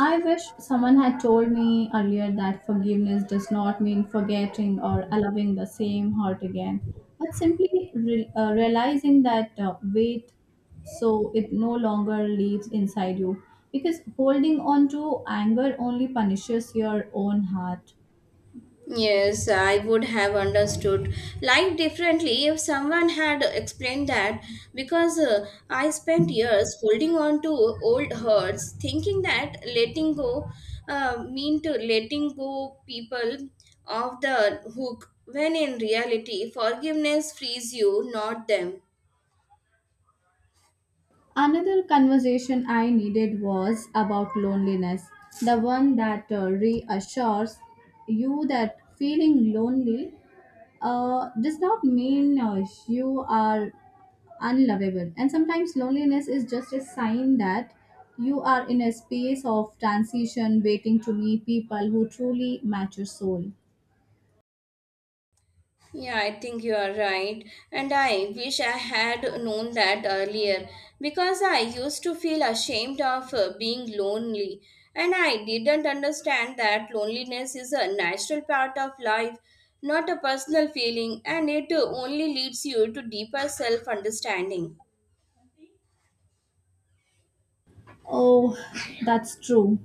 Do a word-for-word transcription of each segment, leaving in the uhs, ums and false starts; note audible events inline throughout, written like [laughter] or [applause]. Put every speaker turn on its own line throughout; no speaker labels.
I wish someone had told me earlier that forgiveness does not mean forgetting or allowing the same hurt again, but simply re- uh, realizing that uh, weight so it no longer lives inside you. Because holding on to anger only punishes your own heart.
Yes, I would have understood life differently if someone had explained that because uh, I spent years holding on to old hurts, thinking that letting go uh, mean to letting go people off the hook when in reality forgiveness frees you, not them.
Another conversation I needed was about loneliness, the one that uh, reassures you that feeling lonely uh, does not mean uh, you are unlovable. And sometimes loneliness is just a sign that you are in a space of transition, waiting to meet people who truly match your soul.
Yeah, I think you are right. And I wish I had known that earlier because I used to feel ashamed of uh, being lonely. And I didn't understand that loneliness is a natural part of life, not a personal feeling, and it uh, only leads you to deeper self understanding.
Oh, that's true.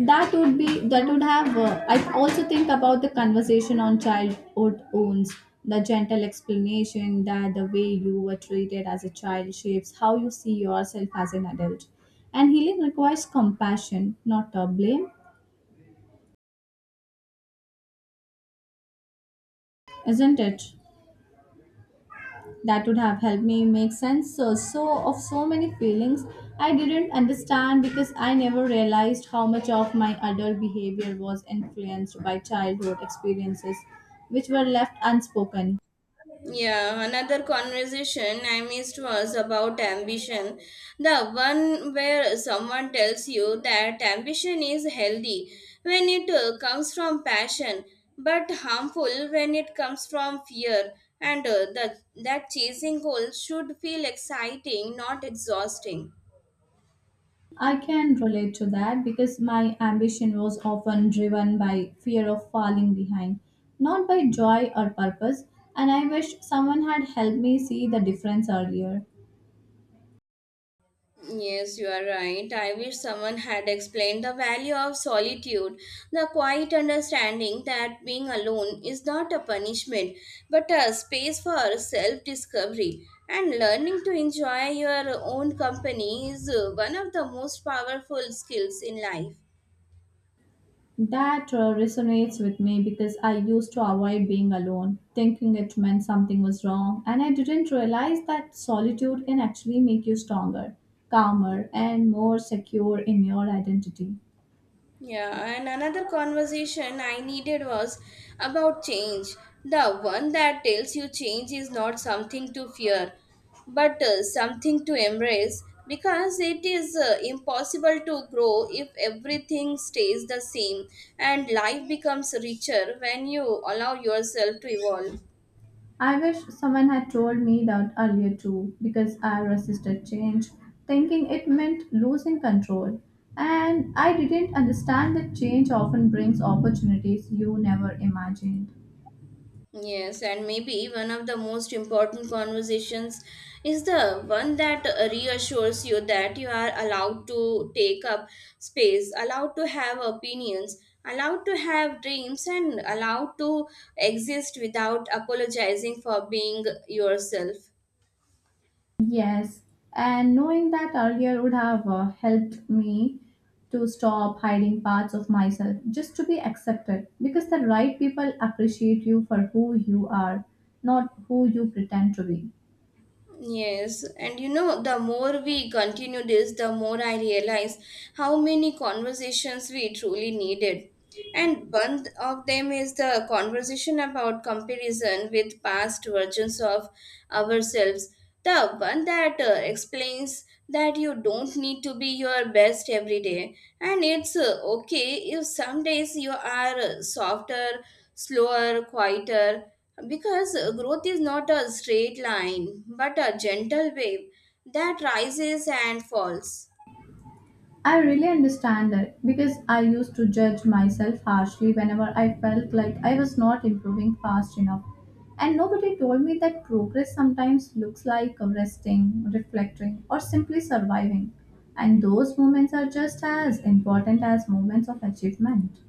That would be that would have. Uh, I also think about the conversation on childhood wounds, the gentle explanation that the way you were treated as a child shapes how you see yourself as an adult, and healing requires compassion, not uh, blame, isn't it? That would have helped me make sense uh, so of so many feelings I didn't understand because I never realized how much of my adult behavior was influenced by childhood experiences, which were left unspoken.
Yeah, another conversation I missed was about ambition. The one where someone tells you that ambition is healthy when it uh, comes from passion, but harmful when it comes from fear, and uh, that, that chasing goals should feel exciting, not exhausting.
I can relate to that because my ambition was often driven by fear of falling behind, not by joy or purpose, and I wish someone had helped me see the difference earlier.
Yes, you are right. I wish someone had explained the value of solitude, the quiet understanding that being alone is not a punishment, but a space for self discovery. And learning to enjoy your own company is uh, one of the most powerful skills in life.
That uh, resonates with me because I used to avoid being alone, thinking it meant something was wrong, and I didn't realize that solitude can actually make you stronger, calmer, and more secure in your identity.
Yeah, and another conversation I needed was about change. The one that tells you change is not something to fear, but uh, something to embrace because it is uh, impossible to grow if everything stays the same and life becomes richer when you allow yourself to evolve.
I wish someone had told me that earlier too, because I resisted change, thinking it meant losing control. And I didn't understand that change often brings opportunities you never imagined.
Yes, and maybe one of the most important conversations is the one that uh, reassures you that you are allowed to take up space, allowed to have opinions, allowed to have dreams, and allowed to exist without apologizing for being yourself.
Yes, and knowing that earlier would have uh, helped me to stop hiding parts of myself just to be accepted because the right people appreciate you for who you are, not who you pretend to be.
Yes, and you know, the more we continue this, the more I realize how many conversations we truly needed. And one of them is the conversation about comparison with past versions of ourselves. The one that uh, explains that you don't need to be your best every day, and it's uh, okay if some days you are uh, softer, slower, quieter, because uh, growth is not a straight line but a gentle wave that rises and falls.
I really understand that because I used to judge myself harshly whenever I felt like I was not improving fast enough. And nobody told me that progress sometimes looks like resting, reflecting, or simply surviving. And those moments are just as important as moments of achievement.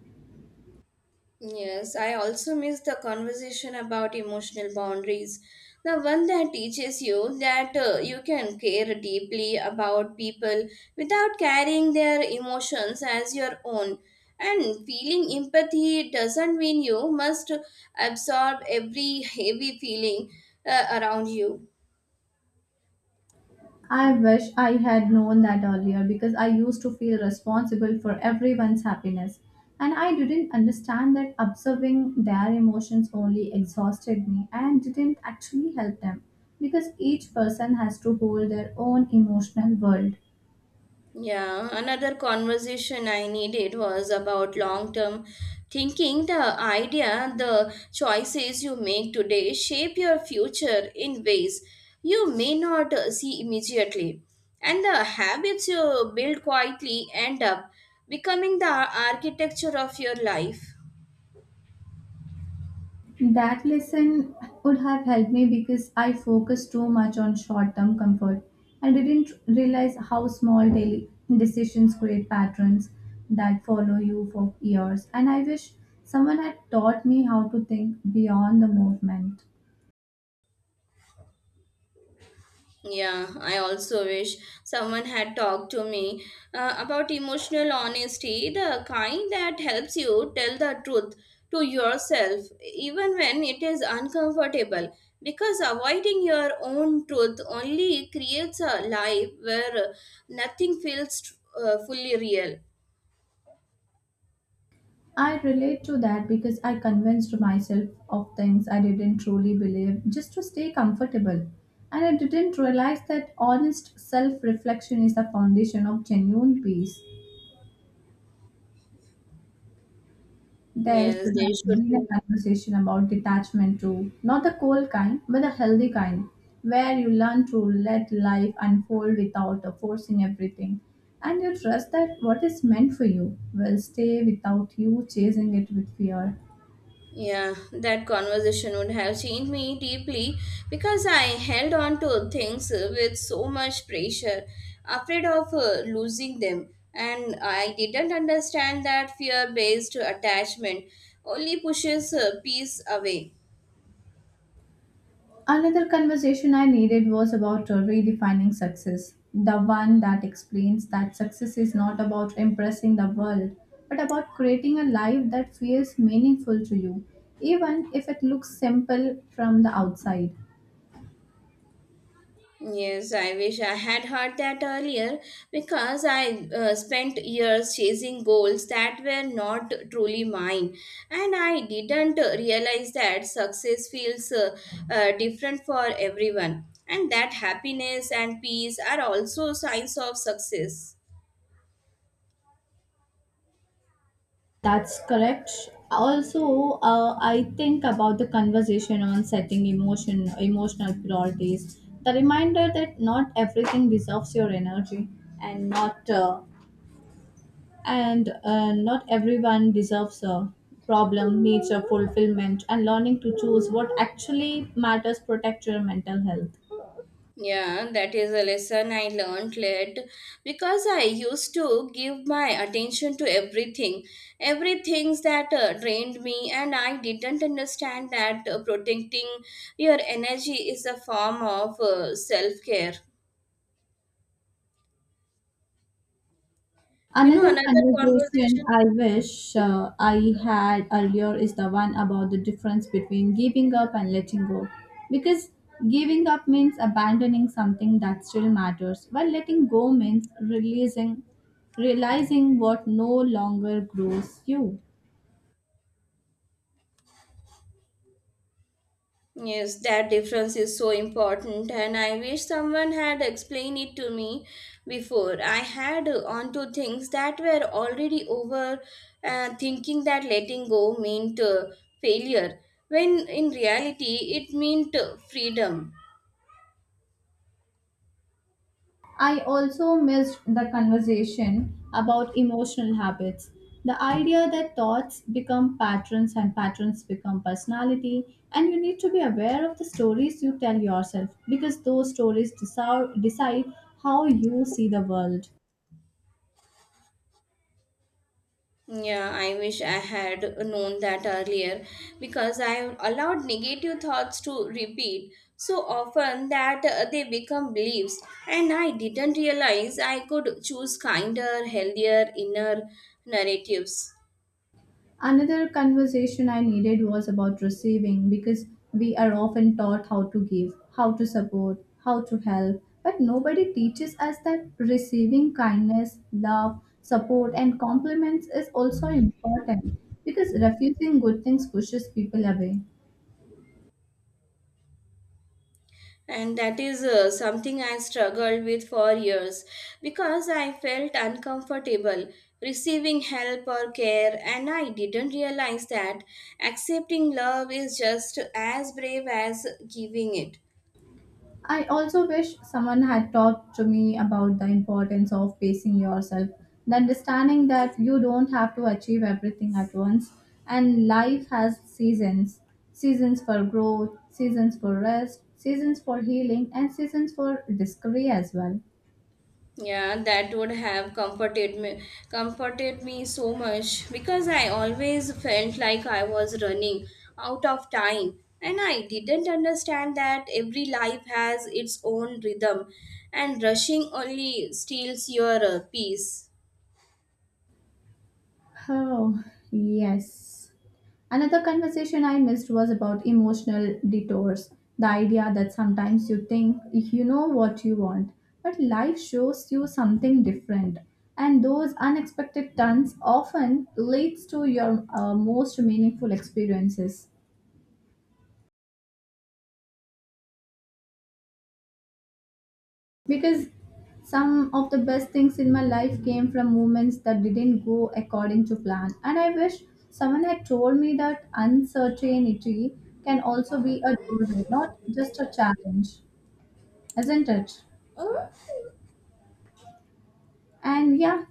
Yes, I also miss the conversation about emotional boundaries. The one that teaches you that uh, you can care deeply about people without carrying their emotions as your own. And feeling empathy doesn't mean you must absorb every [laughs] heavy feeling uh, around you.
I wish I had known that earlier because I used to feel responsible for everyone's happiness. And I didn't understand that observing their emotions only exhausted me and didn't actually help them because each person has to hold their own emotional world.
Yeah, another conversation I needed was about long term thinking. The idea, the choices you make today shape your future in ways you may not uh, see immediately. And the habits you build quietly end up becoming the architecture of your life.
That lesson would have helped me because I focused too much on short term comfort. I didn't realize how small daily decisions create patterns that follow you for years, and I wish someone had taught me how to think beyond the movement.
Yeah, I also wish someone had talked to me uh, about emotional honesty, the kind that helps you tell the truth to yourself, even when it is uncomfortable. Because avoiding your own truth only creates a life where nothing feels uh, fully real.
I relate to that because I convinced myself of things I didn't truly believe just to stay comfortable. And I didn't realize that honest self reflection is the foundation of genuine peace. There
Yes,
should
they
have
should
been a
be.
conversation about detachment too, not the cold kind, but the healthy kind, where you learn to let life unfold without uh, forcing everything. And you trust that what is meant for you will stay without you chasing it with fear.
Yeah, that conversation would have changed me deeply because I held on to things uh, with so much pressure, afraid of uh, losing them. And I didn't understand that fear based attachment only pushes uh, peace away.
Another conversation I needed was about uh, redefining success, the one that explains that success is not about impressing the world, but about creating a life that feels meaningful to you, even if it looks simple from the outside.
Yes, I wish I had heard that earlier because I uh, spent years chasing goals that were not truly mine, and I didn't realize that success feels uh, uh, different for everyone, and that happiness and peace are also signs of success.
That's correct. Also, uh, I think about the conversation on setting emotion, emotional priorities. The reminder that not everything deserves your energy, and not uh, and uh, not everyone deserves a problem needs a fulfillment and learning to choose what actually matters protect your mental health.
Yeah, that is a lesson I learned late because I used to give my attention to everything, everything that uh, drained me, and I didn't understand that uh, protecting your energy is a form of uh, self care. You know,
Another
another
conversation
conversation.
I wish uh, I had earlier is the one about the difference between giving up and letting go because giving up means abandoning something that still matters while letting go means releasing realizing what no longer grows you.
Yes, that difference is so important, and I wish someone had explained it to me before. I had uh, onto things that were already over, uh, thinking that letting go meant uh, failure, when in reality it meant uh, freedom.
I also missed the conversation about emotional habits. The idea that thoughts become patterns and patterns become personality, and you need to be aware of the stories you tell yourself because those stories decide, decide how you see the world.
Yeah, I wish I had known that earlier because I have allowed negative thoughts to repeat so often that uh, they become beliefs, and I didn't realize I could choose kinder, healthier inner narratives.
Another conversation I needed was about receiving because we are often taught how to give, how to support, how to help, but nobody teaches us that receiving kindness, love, support, and compliments is also important because refusing good things pushes people away.
And that is uh, something I struggled with for years because I felt uncomfortable receiving help or care, and I didn't realize that accepting love is just as brave as giving it.
I also wish someone had talked to me about the importance of pacing yourself, the understanding that you don't have to achieve everything at once, and life has seasons seasons for growth, seasons for rest, seasons for healing, and seasons for discovery as well.
Yeah, that would have comforted me comforted me so much because I always felt like I was running out of time and I didn't understand that every life has its own rhythm and rushing only steals your uh, peace.
Oh, yes. Another conversation I missed was about emotional detours. The idea that sometimes you think you know what you want, but life shows you something different. And those unexpected turns often leads to your uh, most meaningful experiences. Because some of the best things in my life came from moments that didn't go according to plan. And I wish someone had told me that uncertainty can also be a doorway, not just a challenge, isn't it? And yeah,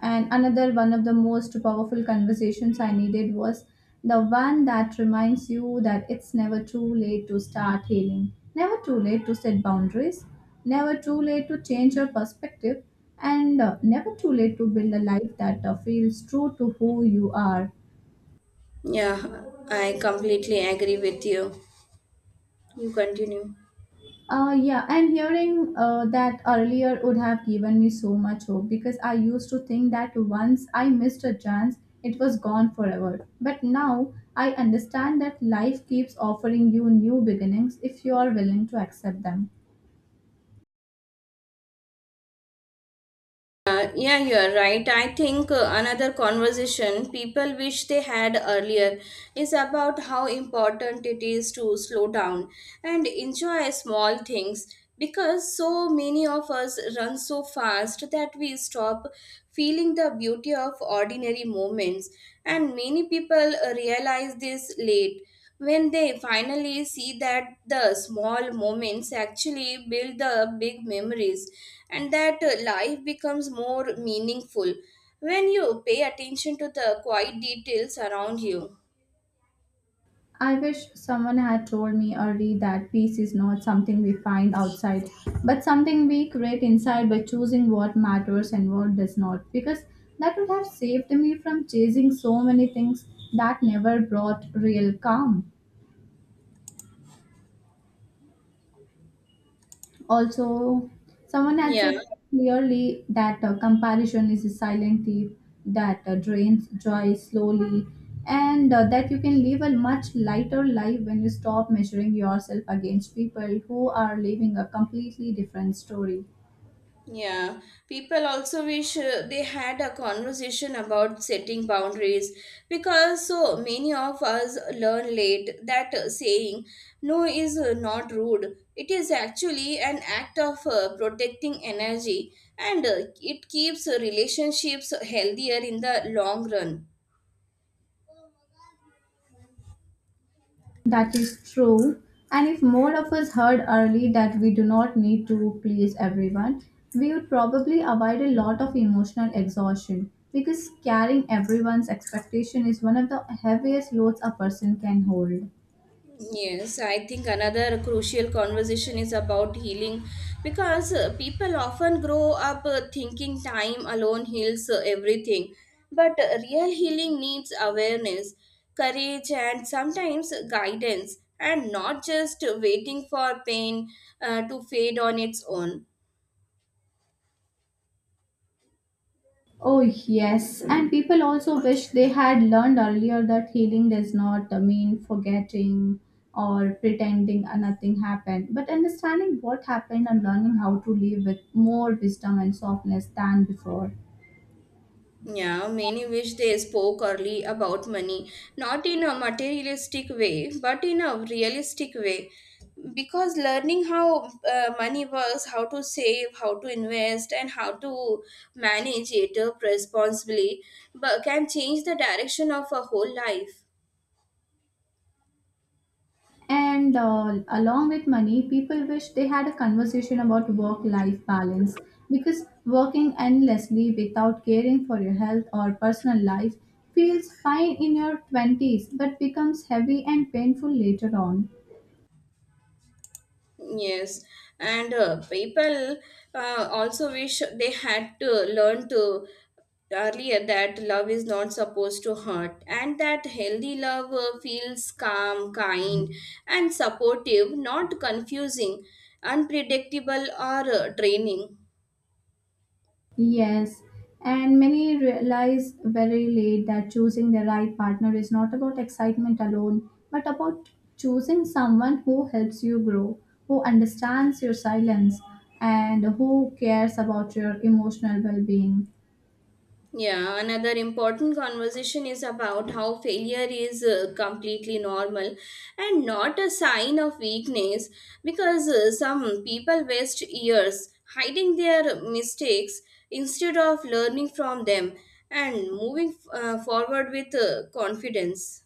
and another one of the most powerful conversations I needed was the one that reminds you that it's never too late to start healing, never too late to set boundaries, never too late to change your perspective, and uh, never too late to build a life that uh, feels true to who you are.
Yeah, I completely agree with you. You continue.
Uh, yeah, and hearing uh, that earlier would have given me so much hope because I used to think that once I missed a chance, it was gone forever. But now I understand that life keeps offering you new beginnings if you are willing to accept them.
Uh, yeah, you're right. I think uh, another conversation people wish they had earlier is about how important it is to slow down and enjoy small things because so many of us run so fast that we stop feeling the beauty of ordinary moments, and many people uh, realize this late when they finally see that the small moments actually build the big memories and that uh, life becomes more meaningful when you pay attention to the quiet details around you.
I wish someone had told me early that peace is not something we find outside, but something we create inside by choosing what matters and what does not, because that would have saved me from chasing so many things that never brought real calm. Also, someone had
Yeah.
said clearly that uh, comparison is a silent thief that uh, drains joy slowly, and uh, that you can live a much lighter life when you stop measuring yourself against people who are living a completely different story.
Yeah, people also wish uh, they had a conversation about setting boundaries because so many of us learn late that uh, saying no is uh, not rude. It is actually an act of uh, protecting energy and uh, it keeps uh, relationships healthier in the long run.
That is true. And if more of us heard early that we do not need to please everyone, we would probably avoid a lot of emotional exhaustion because carrying everyone's expectation is one of the heaviest loads a person can hold.
Yes, I think another crucial conversation is about healing because uh, people often grow up uh, thinking time alone heals uh, everything. But uh, real healing needs awareness, courage, and sometimes guidance, and not just waiting for pain uh, to fade on its own.
Oh, yes. And people also wish they had learned earlier that healing does not uh, mean forgetting or pretending uh, nothing happened, but understanding what happened and learning how to live with more wisdom and softness than before.
Yeah, many wish they spoke early about money, not in a materialistic way, but in a realistic way. Because learning how uh, money works, how to save, how to invest, and how to manage it uh, responsibly but can change the direction of a whole life.
And uh, along with money, people wish they had a conversation about work life balance because working endlessly without caring for your health or personal life feels fine in your twenties but becomes heavy and painful later on.
Yes, and uh, people uh, also wish they had to learn to earlier that love is not supposed to hurt, and that healthy love uh, feels calm, kind, and supportive, not confusing, unpredictable, or uh, draining.
Yes, and many realize very late that choosing the right partner is not about excitement alone, but about choosing someone who helps you grow, who understands your silence, and who cares about your emotional well being.
Yeah, another important conversation is about how failure is uh, completely normal and not a sign of weakness because uh, some people waste years hiding their mistakes instead of learning from them and moving uh, forward with uh, confidence.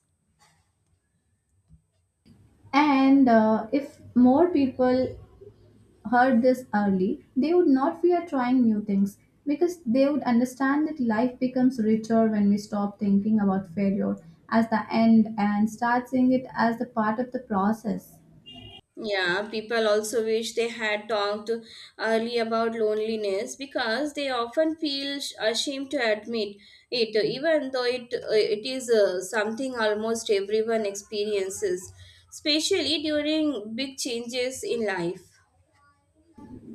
And uh, if more people heard this early, they would not fear trying new things because they would understand that life becomes richer when we stop thinking about failure as the end and start seeing it as the part of the process.
Yeah, people also wish they had talked early about loneliness because they often feel sh- ashamed to admit it, even though it it is uh, something almost everyone experiences, especially during big changes in life.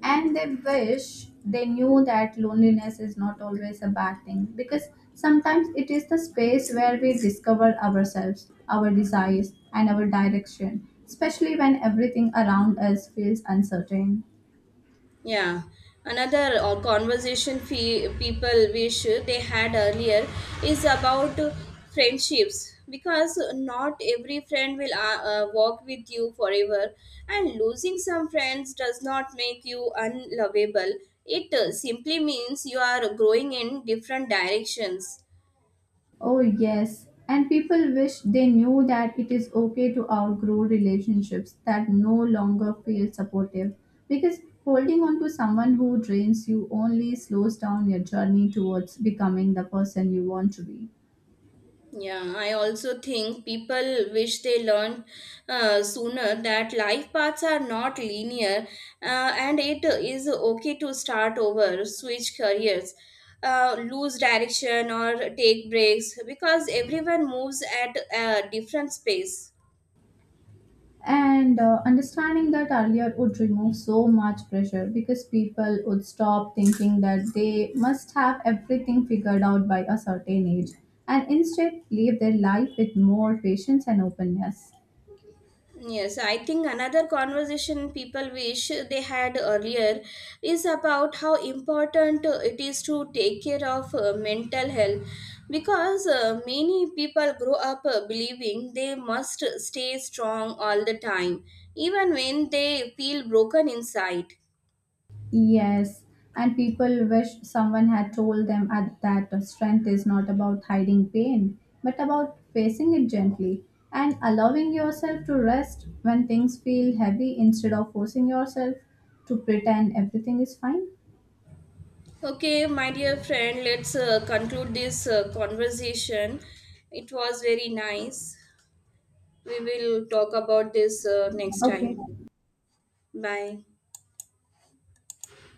And they wish they knew that loneliness is not always a bad thing because sometimes it is the space where we discover ourselves, our desires, and our direction, especially when everything around us feels uncertain.
Yeah, another uh, conversation fe- people wish they had earlier is about friendships because not every friend will uh, uh, walk with you forever, and losing some friends does not make you unlovable. It uh, simply means you are growing in different directions.
Oh, yes. And people wish they knew that it is okay to outgrow relationships that no longer feel supportive because holding on to someone who drains you only slows down your journey towards becoming the person you want to be.
Yeah, I also think people wish they learned uh, sooner that life paths are not linear uh, and it is okay to start over, switch careers, uh, lose direction, or take breaks because everyone moves at a different pace.
And uh, understanding that earlier would remove so much pressure because people would stop thinking that they must have everything figured out by a certain age and instead live their life with more patience and openness.
Yes, I think another conversation people wish they had earlier is about how important uh, it is to take care of uh, mental health because uh, many people grow up uh, believing they must stay strong all the time, even when they feel broken inside.
Yes, and people wish someone had told them at that strength is not about hiding pain, but about facing it gently and allowing yourself to rest when things feel heavy instead of forcing yourself to pretend everything is fine.
Okay, my dear friend, let's uh, conclude this uh, conversation. It was very nice. We will talk about this uh, next time.
Okay.
Bye.